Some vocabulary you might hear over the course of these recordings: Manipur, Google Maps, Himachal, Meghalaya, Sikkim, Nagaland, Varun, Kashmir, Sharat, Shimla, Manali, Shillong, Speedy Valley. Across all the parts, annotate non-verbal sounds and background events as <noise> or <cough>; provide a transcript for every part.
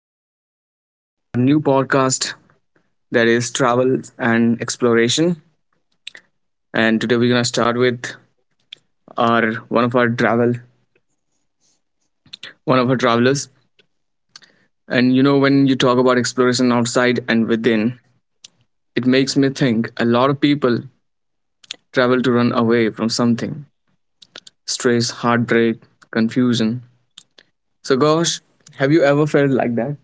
I, to our new podcast that is travel and exploration. And today we're gonna start with our one of our travel one of our travelers. And you know when you talk about exploration outside and within, it makes me think a lot of people travel to run away from something. Stress, heartbreak, confusion. So Gosh, have you ever felt like that?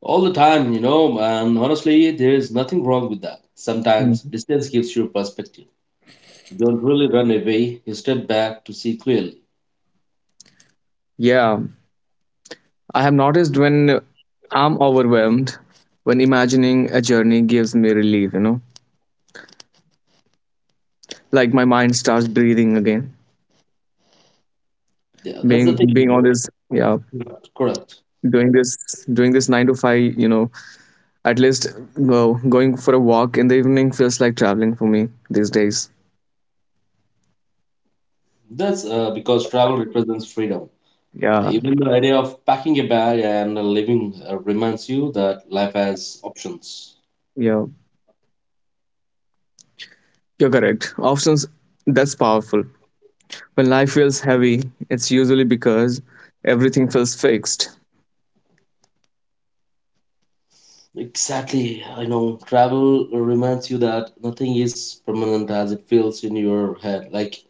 all the time, and honestly, there is nothing wrong with that. Sometimes Mhm. distance gives you perspective. You don't really run away, you step back to see clearly. Yeah, I have noticed when I'm overwhelmed, when imagining a journey gives me relief, like my mind starts breathing again. Yeah, that's the Being thing, being you on know. this, yeah, Correct. Correct. doing this, doing this nine to five, at least go going for a walk in the evening feels like traveling for me these days. That's because travel represents freedom. Yeah, Even the idea of packing a bag and living reminds you that life has options. yeah, you're correct. Options, that's powerful. When life feels heavy, it's usually because everything feels fixed. Exactly. I know travel reminds you that nothing is permanent as it feels in your head. Like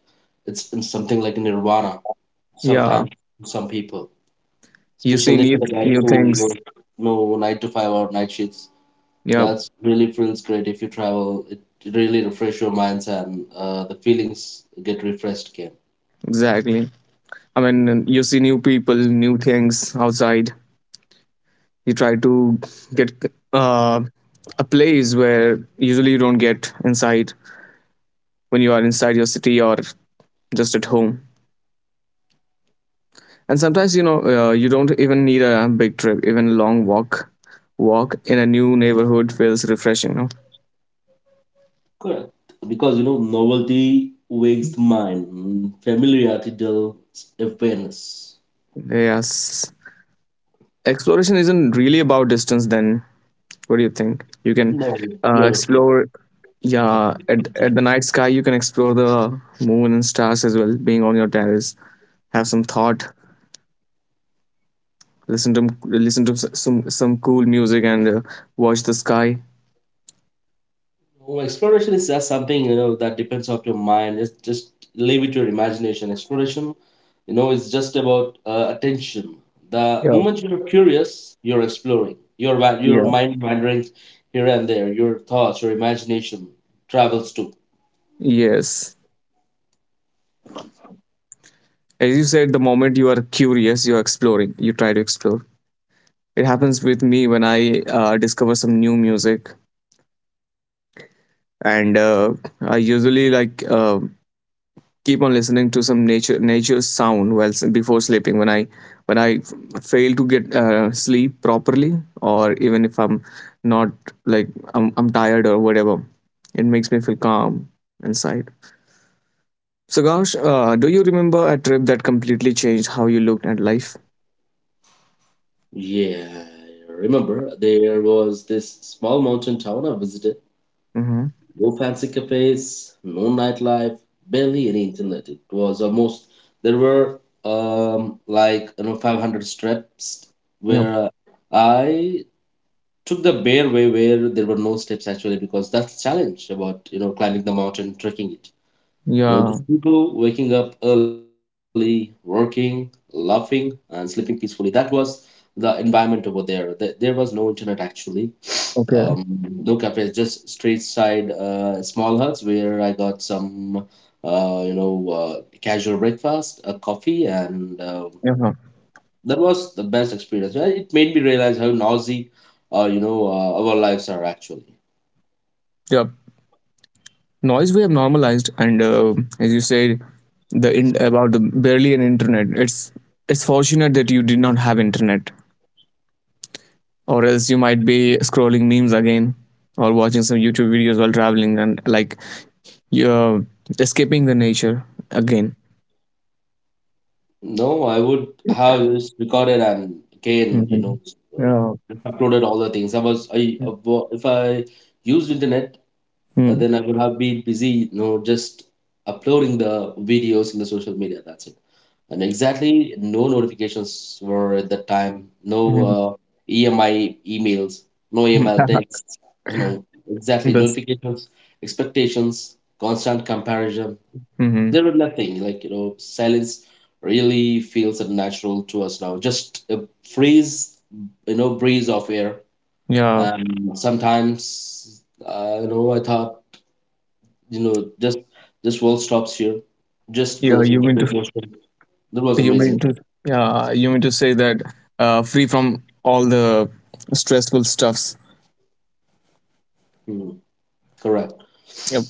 it's in something like nirvana. Yeah, Sometimes for some people, you see especially for new the guys new who things. work no nine to five or night shifts, Yeah, that's really feels great if you travel. It really refresh your minds and the feelings get refreshed again. exactly. I mean, you see new people, new things outside. You try to get uh, a place where usually you don't get inside when you are inside your city or just at home. And sometimes you don't even need a big trip, even a long walk. Walk in a new neighborhood feels refreshing. No? Correct. Because novelty wakes the mind. Familiarity dulls awareness. Yes, exploration isn't really about distance then. What do you think? You can No. You're explore, yeah, at the night sky, you can explore the moon and stars as well, being on your terrace. Have some thought, listen to some cool music and watch the sky. Well, exploration is just something that depends on your mind. It's just leave it to your imagination. Exploration, it's just about attention. The Yeah, moment you're curious, you're exploring. Your yeah. mind wandering here and there. Your thoughts, your imagination travels too. Yes. As you said, the moment you are curious, you're exploring, you try to explore. It happens with me when I discover some new music, and I usually like keep on listening to some nature's sound while before sleeping when I fail to get sleep properly, or even if I'm not, like, I'm tired or whatever, it makes me feel calm inside. So Gosh, do you remember a trip that completely changed how you looked at life? Yeah, I remember there was this small mountain town I visited. Mm-hmm. No fancy cafes, no nightlife, barely any internet. It was almost there were like 500 steps Yep. where I took the bare way where there were no steps actually, because that's the challenge about climbing the mountain, trekking it. You know, Yeah. just people waking up early, working, laughing, and sleeping peacefully. That was the environment over there. There was no internet actually. Okay. Um, no cafes, just street side small huts where I got some, uh, you know, uh, casual breakfast, a coffee, and Yeah. that was the best experience. It made me realize how noisy, our lives are actually. Yep. Noise we have normalized, and as you said, about the barely an internet, it's fortunate that you did not have internet, or else you might be scrolling memes again or watching some YouTube videos while traveling and, like, you're escaping the nature again. No, I would have just recorded and again, Mhm. Uh, Yeah. just uploaded all the things. I was, I, wo- If I used internet, Mm. then I would have been busy, just uploading the videos in the social media. That's it. And exactly, no notifications were at that time. No Mhm. EMI emails, no email <laughs> texts. You know, exactly This. notifications, expectations, constant comparison. Mhm. There was nothing like silence. Really feels unnatural to us now, just a freeze, breeze of air. Yeah. Sometimes I thought, just this world stops here, just Yeah. goes You into mean slow to? motion. That was You mean amazing. to? Yeah. You mean to say that? Free from all the stressful stuffs. Hmm, correct. Yep.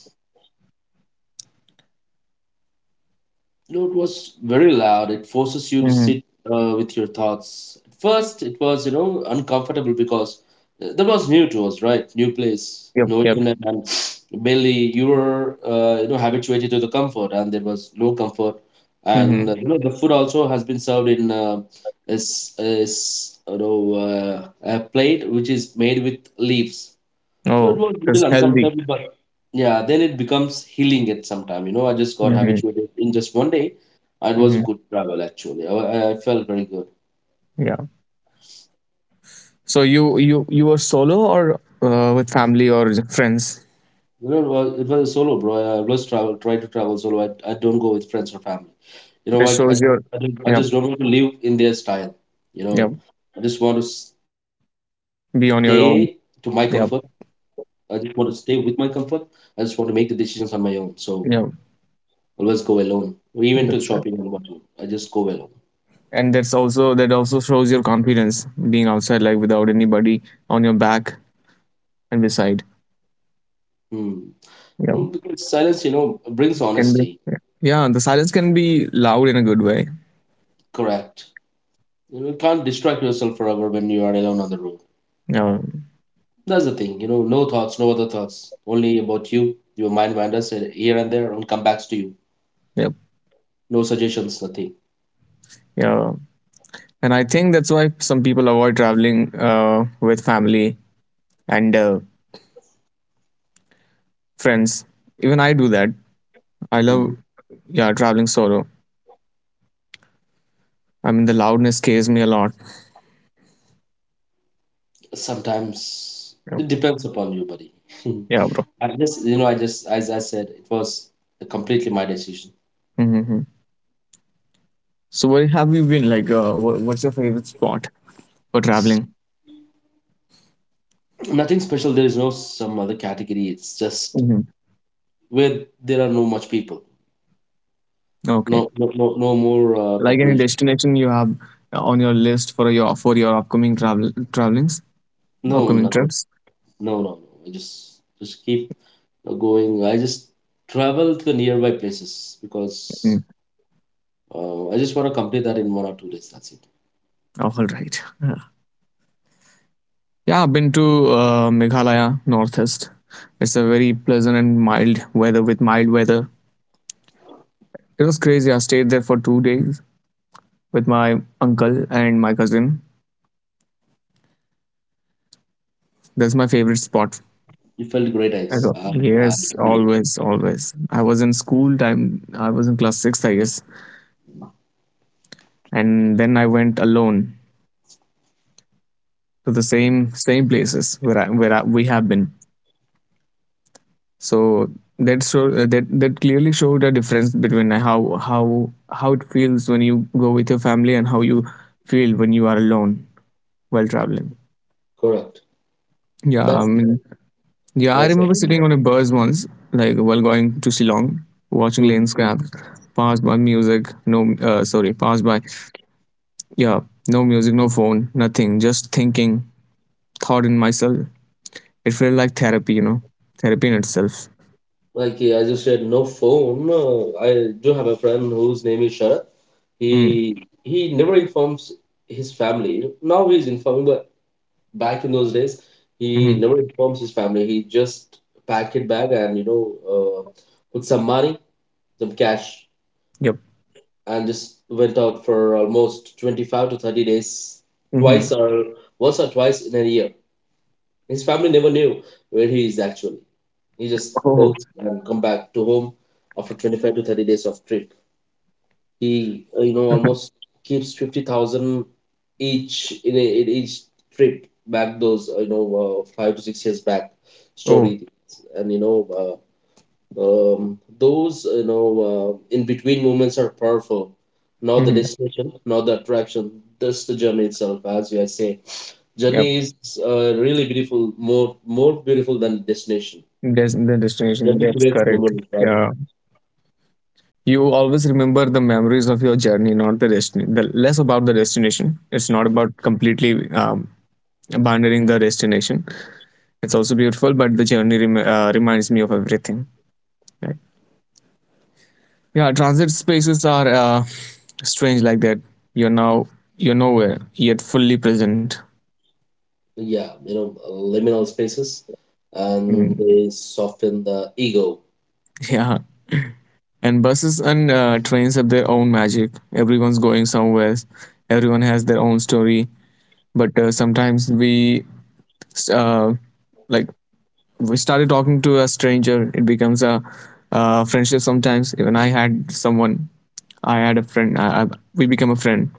No, it was very loud. It forces you to Hmm. sit with your thoughts. At first, it was, uncomfortable because that was new to us, right? New place, Yep. no Yep. internet, and mainly you were, habituated to the comfort, and there was no comfort. And, Hmm. The food also has been served in is, is, you know, uh, a plate which is made with leaves. So Oh, it was that's little healthy. uncomfortable, but yeah, then it becomes healing at some time. You know, I just got Hmm. habituated in just one day. It was Hmm. a good travel actually. I felt very good. Yeah. So you were solo or with family or friends? You know, it was solo, bro. I always travel, try to travel solo. I don't go with friends or family. You know That what? Shows your, I yep, just don't want to live in their style. You yep, know, I just want to stay to my be on comfort. your own, yep, I just want to stay with my comfort. I just want to make the decisions on my own. So yep, always go alone, even to that's good. shopping and whatnot. I just go alone. And that also shows your confidence being outside, like without anybody on your back and beside. Hmm. Well, Yep. because silence, brings Can be, honesty. yeah. Yeah, the silence can be loud in a good way. Correct. You know, you can't distract yourself forever when you are alone on the road. Yeah. That's the thing. You know, no thoughts, no other thoughts. Only about you. Your mind wanders here and there and come back to you. Yep. No suggestions, nothing. Yeah, and I think that's why some people avoid traveling with family and friends. Even I do that. I love, Mhm. yeah, traveling solo. I mean, the loudness scares me a lot. Sometimes it depends upon you, buddy. Yeah, bro. <laughs> I just, you know, I just, As I said, it was completely my decision. Hmm. So, where have you been? Like, what's your favorite spot for traveling? Nothing special. There is no some other category. It's just Hmm. where there are no much people. No, Okay. no, no, no more Like, any population. destination you have on your list for your upcoming travelings, No, upcoming nothing. trips? No, no, no. I just keep going. I just travel to the nearby places Mm. because I just want to complete that in 1 or 2 days. That's it. All right. <laughs> Yeah. Yeah, I've been to Meghalaya, northeast. It's a very pleasant and mild weather with mild weather. It was crazy. I stayed there for 2 days with my uncle and my cousin. That's my favorite spot. You felt great. I don't- I, I Yes, always, always. I was in school time. I was in class sixth, I guess, and then I went alone to the same places where we have been. So that show that clearly showed a difference between how how it feels when you go with your family and how you feel when you are alone while traveling. Correct. Yeah, I That's mean, yeah, I that's it. remember sitting on a bus once, like, while going to Shillong, watching Hmm. lanes grab, pass by music. No, sorry, pass by. Yeah, no music, no phone, nothing. Just thinking, thought in myself. It felt like therapy, therapy in itself. Like yeah, I just said, no phone. I do have a friend whose name is Sharat. He Mm, he never informs his family. Now he's informing, back in those days, he mm-hmm, never informs his family. He just packed it bag and put some money, some cash, yep. and just went out for almost 25 to 30 days, Mm-hmm. twice or once or twice in a year. His family never knew where he is actually. He just Oh. goes and come back to home after 25 to 30 days of trip. He almost keeps 50,000 each in, a, in each trip back those 5 to 6 years back Oh. story. And those in between moments are powerful, not the Mm-hmm. destination, not the attraction, just the journey itself. As you I say Yep. journey is really beautiful, more beautiful than destination. There's the destination. Journey That's creates correct. memories, right? Yeah. You always remember the memories of your journey, not the destination. The less about the destination. It's not about completely abandoning the destination. It's also beautiful, but the journey reminds me of everything. Like, yeah, transit spaces are strange like that. you're now you're nowhere yet fully present. Yeah, liminal spaces, Mm, and they soften the ego. yeah, and buses and trains have their own magic. Everyone's going somewhere, everyone has their own story, but sometimes uh, like we started talking to a stranger, it becomes a friendship sometimes. Even I had a friend, we became a friend.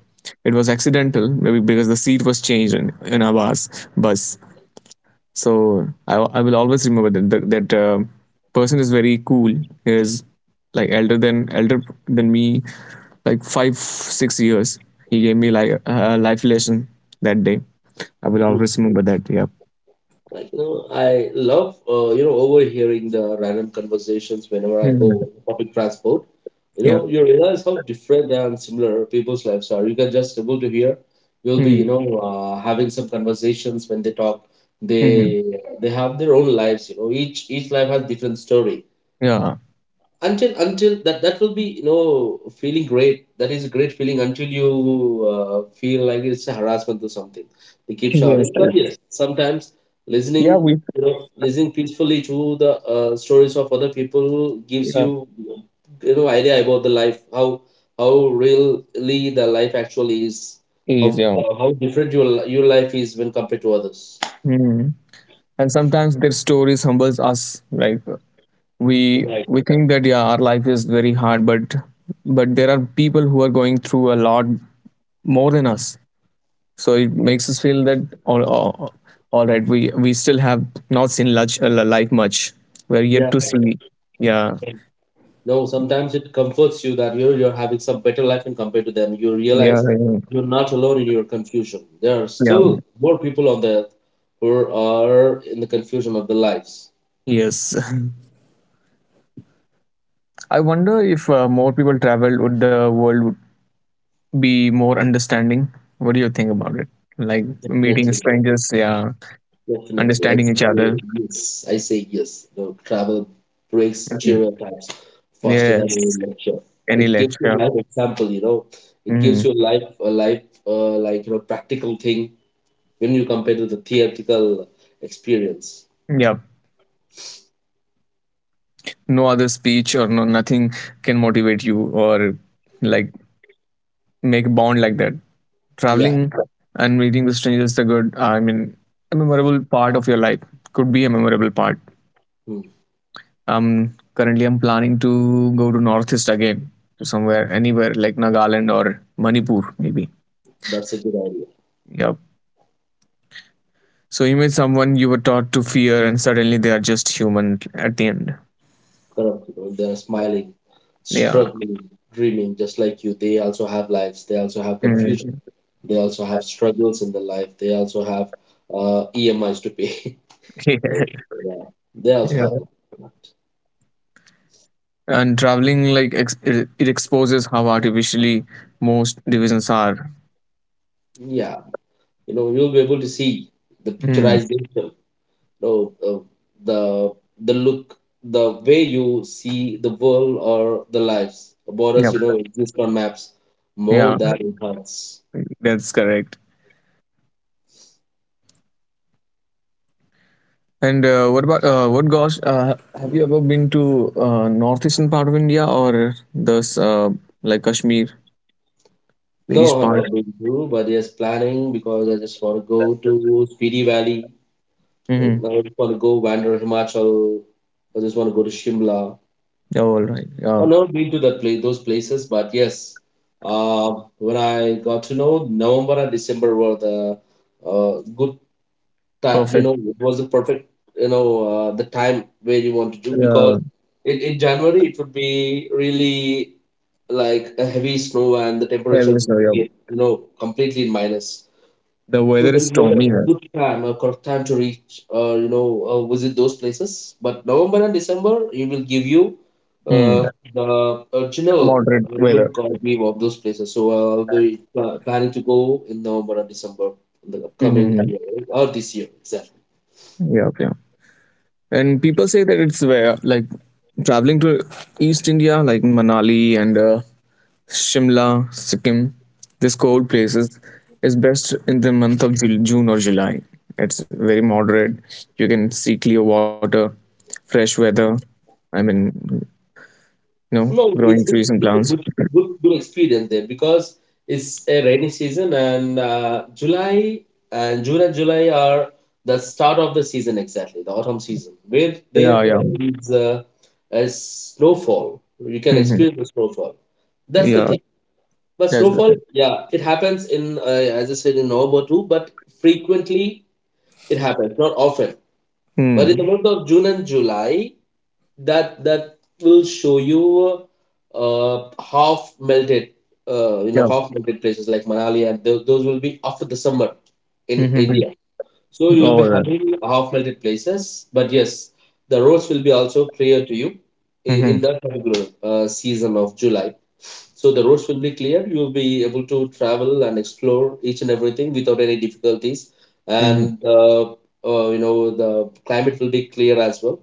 It was accidental maybe because the seat was changed in our bus. So I will always remember that, person is very cool. He is like elder than me, like 5-6 years. He gave me like a life lesson that day. I will Mm. always remember that. Yeah. Like I love overhearing the random conversations whenever I go Mhm. in public transport. Yeah. You realize how different and similar people's lives are. You can just able to hear. You'll be Mm. Having some conversations when they talk. Hmm. They they have their own lives. Each life has different story. Yeah. Until that will be feeling great. That is a great feeling until you feel like it's a harassment or something. They keep Yes. shouting, but yes, sometimes listening, Yeah. We. Listening peacefully to the stories of other people gives Yeah. you you know idea about the life, how really the life actually is, how Is, yeah. how different your life is when compared to others. Hmm. And sometimes their stories humbles us. Like, we Right. we think that, yeah, our life is very hard, but there are people who are going through a lot more than us. So it makes us feel that, all right, we still have not seen much, life much. We're yet Yeah. to see. Yeah, No, sometimes it comforts you that you're having some better life in compared to them. You yeah. realize you're not alone in your confusion. There are Yeah, still more people on the earth who are in the confusion of their lives. yes. <laughs> I wonder if more people traveled, would the world would be more understanding? What do you think about it? Like, meeting Definitely, strangers, yeah, definitely. I understanding each say other. yes. I say yes. The travel breaks Mhm. stereotypes faster than Yes, any lecture. any It gives you lecture. life example. You know, it Hmm. gives you life a life practical thing when you compare to the theoretical experience. Yeah, no other speech or no nothing can motivate you or, like, make a bond like that. Traveling Yeah. and meeting with strangers is a good, I mean, a memorable part of your life, could be a memorable part. Hmm. Currently I'm planning to go to northeast again, to somewhere, anywhere like Nagaland or Manipur maybe. That's a good idea. Yep. So you meet someone you were taught to fear, and suddenly they are just human at the end. Correct. You know, they're smiling, Yeah. struggling, dreaming, just like you. They also have lives. They also have confusion. Mm. They also have struggles in their life. They also have EMIs to pay. <laughs> <laughs> So, Yeah. yeah, they also Yeah. have life. Correct. And traveling, like, it exposes how artificially most divisions are. Yeah, you'll be able to see the Mm. picturization. Know, uh, the look, the way you see the world or the lives. Yeah. Borders, exist on maps more Yeah, than in hearts. that's correct. And what about, what Gosh? Have you ever been to northeastern part of India, or this like Kashmir, the No, east not part? been to, but yes, planning because I just want to go to Speedy Valley. Mm-hmm. I just want to go wander Himachal. I just want to go to Shimla. Yeah, all right. I've Yeah, never been to that place, those places, but yes, when I got to know, November and December were the good time. You perfect. know, it was the perfect, the time where you want to do because Yeah, in January it would be really like a heavy snow and the yeah, temperature yes, no, would yeah. be, completely in minus. The So weather there is is not stormy a here. good time or correct time to reach, visit those places. But November and December, it will give you Hmm. The original Moderate weather. look or view of those places. So planning to go in November and December in the upcoming Mm-hmm. year or this year. Exactly. Yeah, yeah. Okay. And people say that it's where, like, traveling to East India, like Manali and Shimla, Sikkim, these cold places is best in the month of June or July. It's very moderate. You can see clear water, fresh weather. I mean, No, growing trees and it's a plants. good experience there because it's a rainy season, and July and June and July are the start of the season exactly, the autumn season, where there Yeah, yeah. Is a snowfall. You can Hmm. experience the snowfall. That's the Yeah, thing. But that's the snowfall, thing. yeah, it happens in as I said in November too, but frequently it happens, not often. But in the Mm. month of June and July, that will show you half melted Yeah. half melted places like Manali, and those will be after the summer in Mm-hmm. India, so you'll All be right. having half melted places. But yes, the roads will be also clear to you Mm-hmm. in that particular season of July. So the roads will be clear. You will be able to travel and explore each and everything without any difficulties, Mm-hmm. and the climate will be clear as well,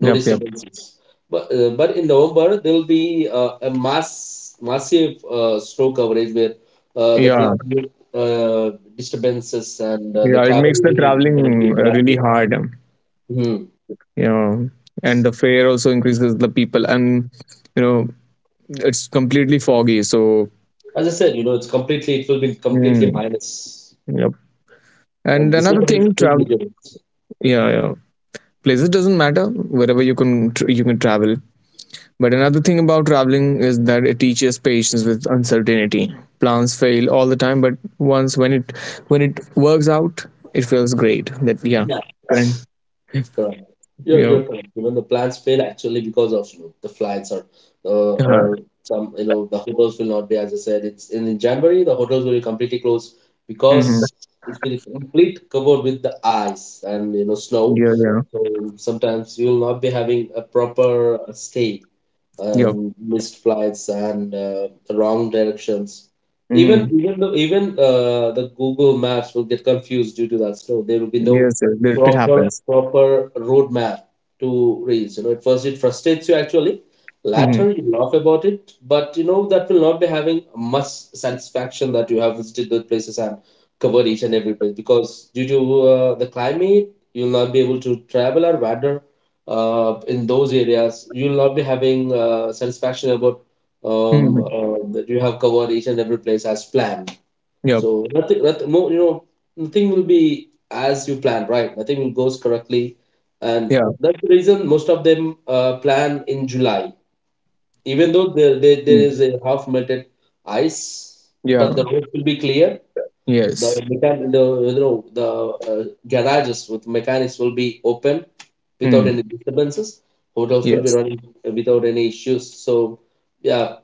no yep. disturbances. But in November there will be a massive snow coverage where that Yeah, will uh, disturbances and the yeah. It travel. makes the traveling really hard. Mhm. You know, and the fare also increases the people, and, you know, it's completely foggy. So, As I said, it's completely, it will be completely mm, minus. yep. And another December is thing, do travel. disabilities. Yeah, yeah. Places doesn't matter. Wherever you can, you can travel. But another thing about traveling is that it teaches patience with uncertainty. Plans fail all the time, but once when it works out, it feels great. That, yeah, Yeah, and you, correct. You're correct. You know, the plans fail actually because of the flights or uh, uh, or some the hotels will not be. As I said, it's in January the hotels will be completely closed hmm, because it will be complete covered with the ice and you know snow. yeah, yeah. So sometimes you will not be having a proper stay Yeah, and missed flights and the wrong directions. Even mm, even though even uh, the Google Maps will get confused due to that. So there will be no yes, yes. It proper happens. proper roadmap to reach. You know, at first it frustrates you actually. Hmm. Later you laugh about it, but you know that will not be having much satisfaction that you have visited those places and covered each and every place because due to the climate you'll not be able to travel or wander in those areas you'll not be having satisfaction about Mhm. That you have covered each and every place as planned. Yep. So nothing more, you know, nothing will be as you planned, right? Nothing will goes correctly, and Yeah. that's the reason most of them plan in July, even though there Mm. is a half melted ice, but the Yeah. roads will be clear. the Yes. mechan- the you know the uh, garages with mechanics will be open without Mm. any disturbances. Hotels will be Yes. running without any issues. So yeah,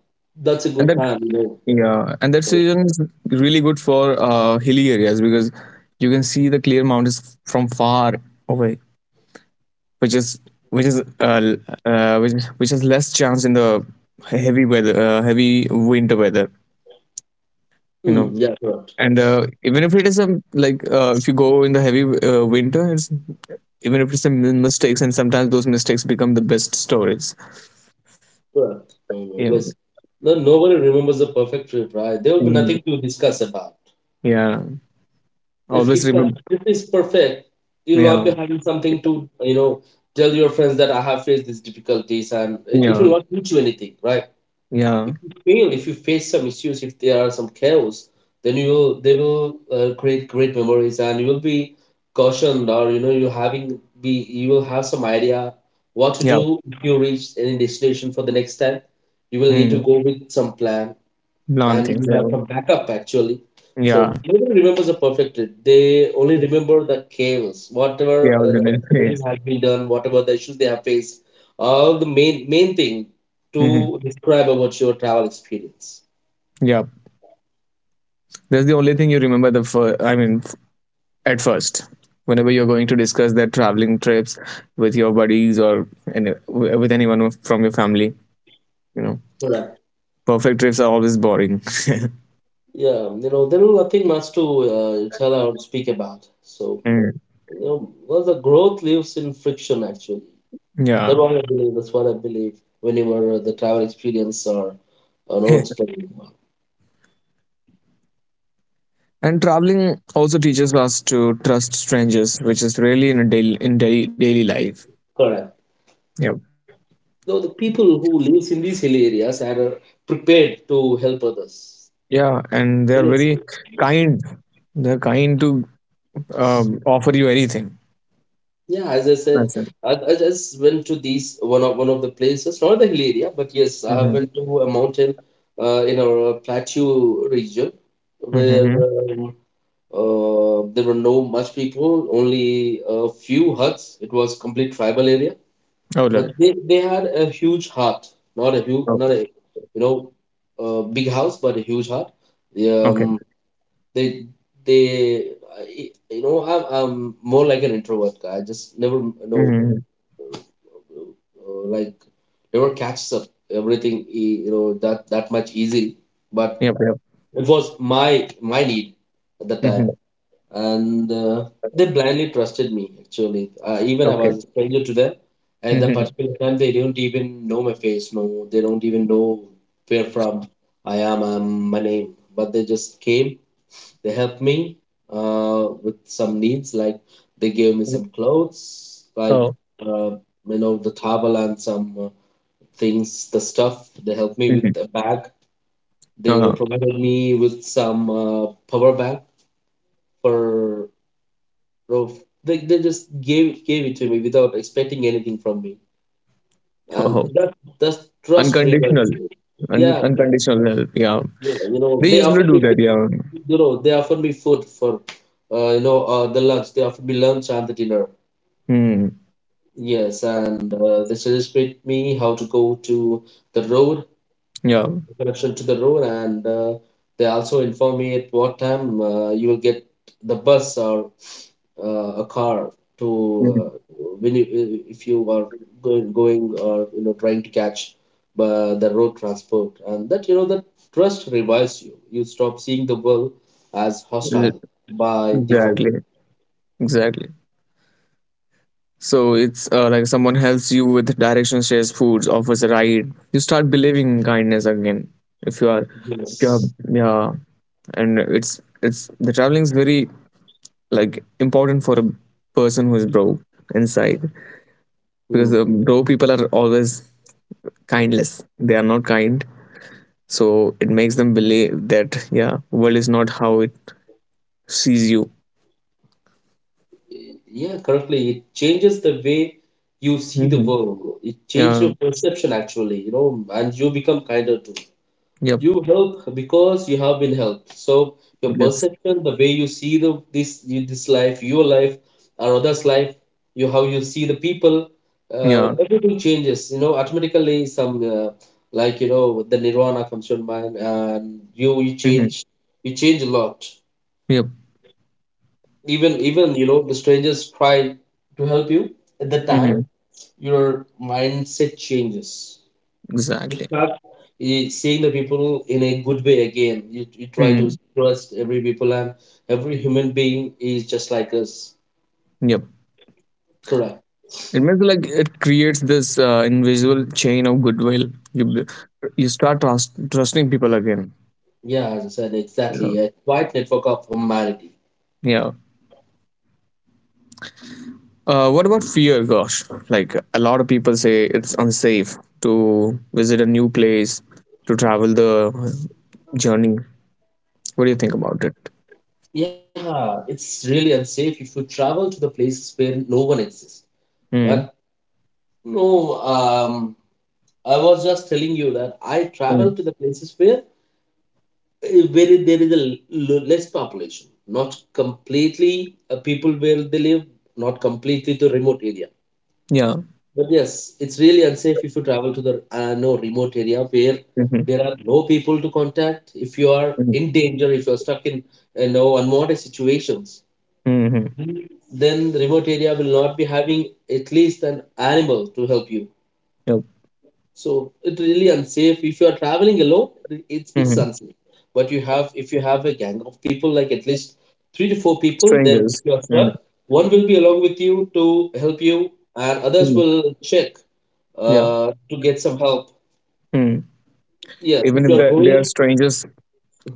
that's a and good that plan. You know. Yeah, and that So, season is really good for hilly areas, because you can see the clear mountains from far away, which is which is uh, which, which has less chance in the heavy winter weather, you hmm, know. yeah, correct, And even if it is a like, if you go in the heavy winter, it's even if it's a mistakes, and sometimes those mistakes become the best stories. correct. No, Yeah. always. No, nobody remembers the perfect trip, right? There will be Mm, nothing to discuss about. yeah, If always if the remember. trip is perfect, you'll Yeah, not be having something to tell your friends that I have faced these difficulties, and it yeah, will not teach you anything, right? yeah, If you fail, if you face some issues, if there are some chaos, then you will they will create great memories, and you will be cautioned, or you know you having be you will have some idea what to yeah. do if you reach any destination for the next time. You will need to Hmm. go with some plan, and Blonde you things. have Yeah, some backup actually. So yeah, nobody remembers the perfect trip. They only remember the chaos, whatever yeah. I was the in it. disability Yeah. has been done, whatever the issues they have faced, all the main thing Hmm. to describe about your travel experience. Yeah, that's the only thing you remember. The first, I mean, at first, whenever you're going to discuss that traveling trips with your buddies or any, with anyone from your family, you know, Correct. perfect trips are always boring. <laughs> Yeah, you know there is nothing much to tell or speak about. So Mm. you know, well, the growth lives in friction actually. That's Yeah. what I believe. That's what I believe. Whenever the travel experience are not <laughs> explained. And traveling also teaches us to trust strangers, which is really in a daily, daily life. Correct. Yeah. Though the people who lives in these hilly areas and are prepared to help others. Yeah, and they are Yes. very kind. They're kind to offer you anything. Yeah, as I said, I just went to these one of the places, not the hill area, but yes, I have Mhm. went to a mountain in our plateau region Mhm, where mhm. There were no much people, only a few huts. It was complete tribal area. But Alright. they had a huge heart, not a huge, Oh, not a you know, big house, but a huge heart. okay. Um, they they I'm more like an introvert guy. I just never Mhm, mhm. uh, like never catches up everything that much easily. But Yep, yep. it was my my need at the time, Mhm. and they blindly trusted me actually, even I was Okay. a stranger to them at the Mhm. particular time. They don't even know my face. No, they don't even know where from I am, my name, but they just came, they helped me with some needs, like they gave me Mm. some clothes, like Oh. uh, the towel and some things the stuff, they helped me with Mhm. a bag, they Uh-huh. provided me with some power bank for bro. They just gave it to me without expecting anything from me, and Oh. that that trust rewards Unconditional. you. Yeah, bro. Unconditional help. Yeah. You know, They they used offer to me do that. Yeah. food, you know they offer me food for the lunch. They offer me lunch and the dinner. Hmm. Yes, and they suggested me how to go to the road, Yeah. connection to the road, and they also inform me at what time you will get the bus or a car to Mhm. when you if you are going or you know trying to catch the road transport. And that you know that trust revives you. You stop seeing the world as hostile Ex- by default. Exactly. Exactly. So it's like someone helps you with directions, shares foods, offers a ride. You start believing in kindness again. If you are, if you are, Yes. yeah, and it's the traveling is very like important for a person who is broke inside, because Hmm. the broke people are always kindless. They are not kind. So it makes them believe that, yeah, world is not how it sees you. Yeah, correctly. It changes the way you see the Hmm. world. It changes Yeah. your perception actually, you know, and you become kinder too. Yep. You help because you have been helped. So your That's perception, the way you see the this this life, your life, or others' life, you how you see the people, yeah. everything changes. You know, automatically some like you know the nirvana comes to your mind, and you Hmm. change, you change a lot. Yep. Even you know the strangers try to help you at the time, Hmm. your mindset changes. You Exactly. start seeing the people in a good way again. You try to Mm. trust every people, and every human being is just like us. Yep. Correct. It makes like, it creates this invisible chain of goodwill. you b- you start trusting people again. Yeah, as I said, Yeah. exactly, a wide network of humanity. Yeah. What about fear? Gosh, like a lot of people say it's unsafe to visit a new place, to travel the journey. What do you think about it? Yeah, it's really unsafe if you travel to the places where no one exists. But Mm. no, I was just telling you that I Mm. travel to the places where there is a less population, not completely people where they live, not completely to remote area. Yeah. But yes, it's really unsafe if you travel to the no remote area where Mm-hmm. there are no people to contact. If you are Mm-hmm. in danger, if you are stuck in no unwanted situations, Mm-hmm. then the remote area will not be having at least an animal to help you. Yep. So it's really unsafe. If you are traveling alone, it's Mm-hmm. unsafe. But you have if you have a gang of people, like at least three to four people, then if Strangers. you are Mm-hmm. stuck, one will be along with you to help you, and others Mm-hmm. will check Yeah. To get some help. Mm. Yes, Even if if you are they are going, strangers,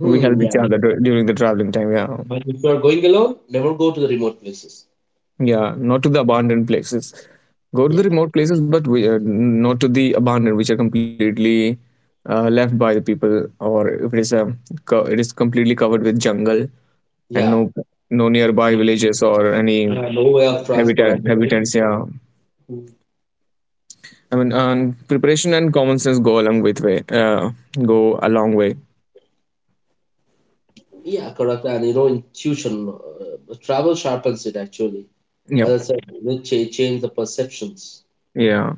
we help each yeah. other during the traveling time. Yeah. But if you are going alone, never go to the remote places. Yeah. Not to the abandoned places. Go to Yeah, the remote places, but we, not to the abandoned, which are completely left by the people, or if it is a it is completely covered with jungle and no yeah. no nearby Mm, villages or any yeah, no way of transport. habitat I'm afraid. habitants, yeah. Mm, I mean, preparation and common sense uh, go a long way. yeah, correct. And you know, intuition, travel sharpens it actually. Yep. As I said, you know, change the perceptions. Yeah.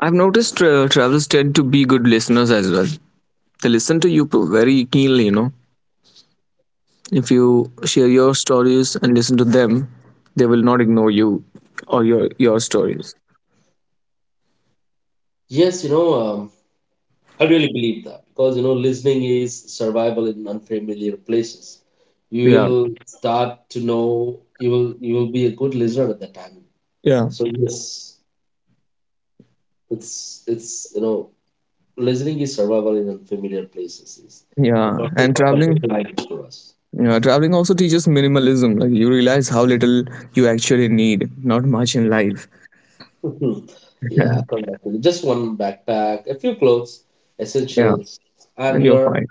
I've noticed travelers tend to be good listeners as well. They listen to you very keenly, you know. If you share your stories and listen to them, they will not ignore you or your stories. Yes, you know, I really believe that because you know, listening is survival in unfamiliar places. You Yeah, will start to know, you will be a good listener at that time. yeah, So yes, it's you know, listening is survival in unfamiliar places is the yeah. perfect And traveling, perfect language for us. yeah, traveling also teaches minimalism. Like you realize how little you actually need, not much in life. Mhm. <laughs> Yeah, correct. Actually. Just one backpack, a few clothes, Yeah, essentials, and and you're you're fine.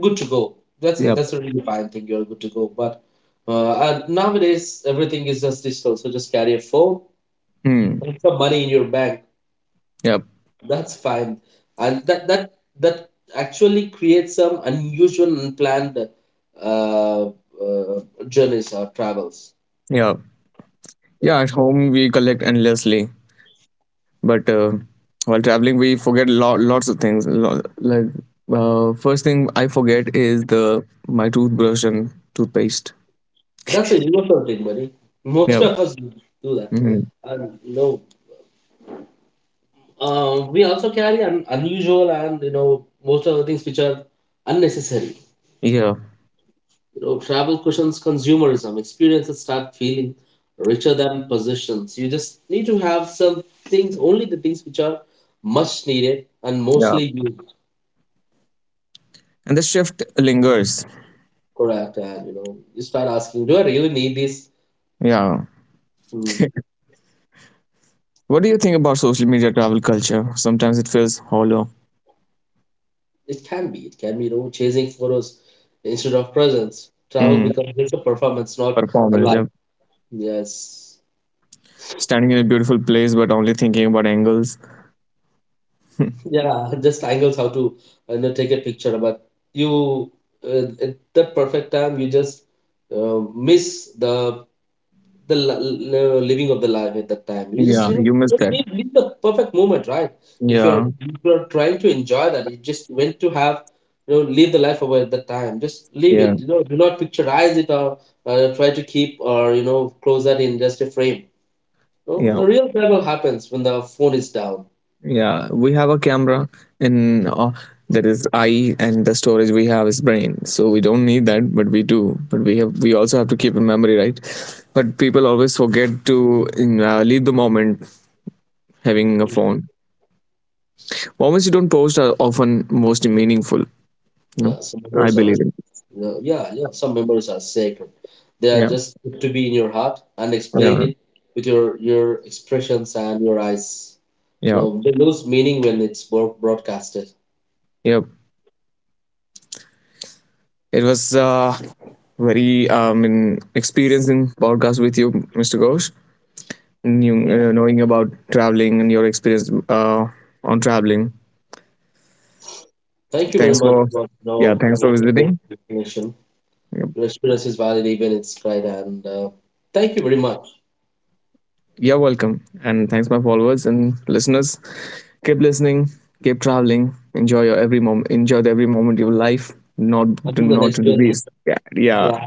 good to go. That's it. Yep. That's a really fine thing. You're good to go. But and nowadays, everything is just digital. So just carry a phone Hmm. and some money in your bank. Yep. That's fine. And that actually creates some unusual, unplanned uh, uh, journeys or travels. Yeah. Yeah, Yeah. At home we collect endlessly, but while traveling we forget lots of things. Like first thing I forget is the my toothbrush and toothpaste. <laughs> that's a universal thing, buddy. Most Yep. of us do that. Mhm. And no, we also carry unusual and you know most of the things which are unnecessary. Yeah. You know, travel cushions consumerism. Experiences start feeling richer than possessions. You just need to have some things, only the things which are much needed and Yeah. mostly used. And the shift lingers. Correct, and you know, you start asking, do I really need this? Yeah. Hmm. What do you think about social media travel culture? Sometimes it feels hollow. It can be. It can be. You know, chasing photos instead of presents. Travel Mm. becomes just a performance, not a Performance. life. Yep. Yes. Standing in a beautiful place but only thinking about angles. <laughs> Yeah, <laughs> just angles, how to you know take a picture, but you at that perfect time you just miss the living of the life at that time. You just Yeah. you know You missed just that. Leave the perfect moment, right? If you're Yeah. Trying to enjoy that, you just went to have you know leave the life away at that time. Just leave Yeah. it. You know, do not picturize it or try to keep or you know close that in just a frame. You know, Yeah. the real travel happens when the phone is down. Yeah. We have a camera, and that is eye, and the storage we have is brain. So we don't need that, but we do. But we have, we also have to keep in memory, right? But people always forget to in, leave the moment having a phone. Moments you don't post are often most meaningful. You know, Yeah, so I memories are believe it. No, yeah, yeah. Some memories are sacred. They are Yeah, just to be in your heart and explain yeah, it with your expressions and your eyes. No, yeah, they lose meaning when it's broadcasted. yeah. It was very in experience in podcast with you, Mr. Ghosh. And you, Cool. Knowing about traveling and your experience on traveling. Thank you very Thanks much. for, But yeah, no, it thanks for was a great visiting. explanation. Yep. Your experience is valid even it's great, and thank you very much. You're welcome, and thanks my followers and listeners. Keep listening, keep traveling. Enjoy your every moment. Enjoy the every moment of your life. Not Until the not next to the journey. beast. Yeah, yeah. Yeah,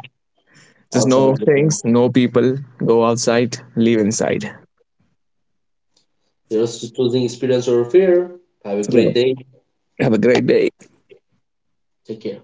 There's outside no of the. things, no people. Go outside, leave inside. Are choosing experience over fear. Have a You great know, day. have a great day. Take care.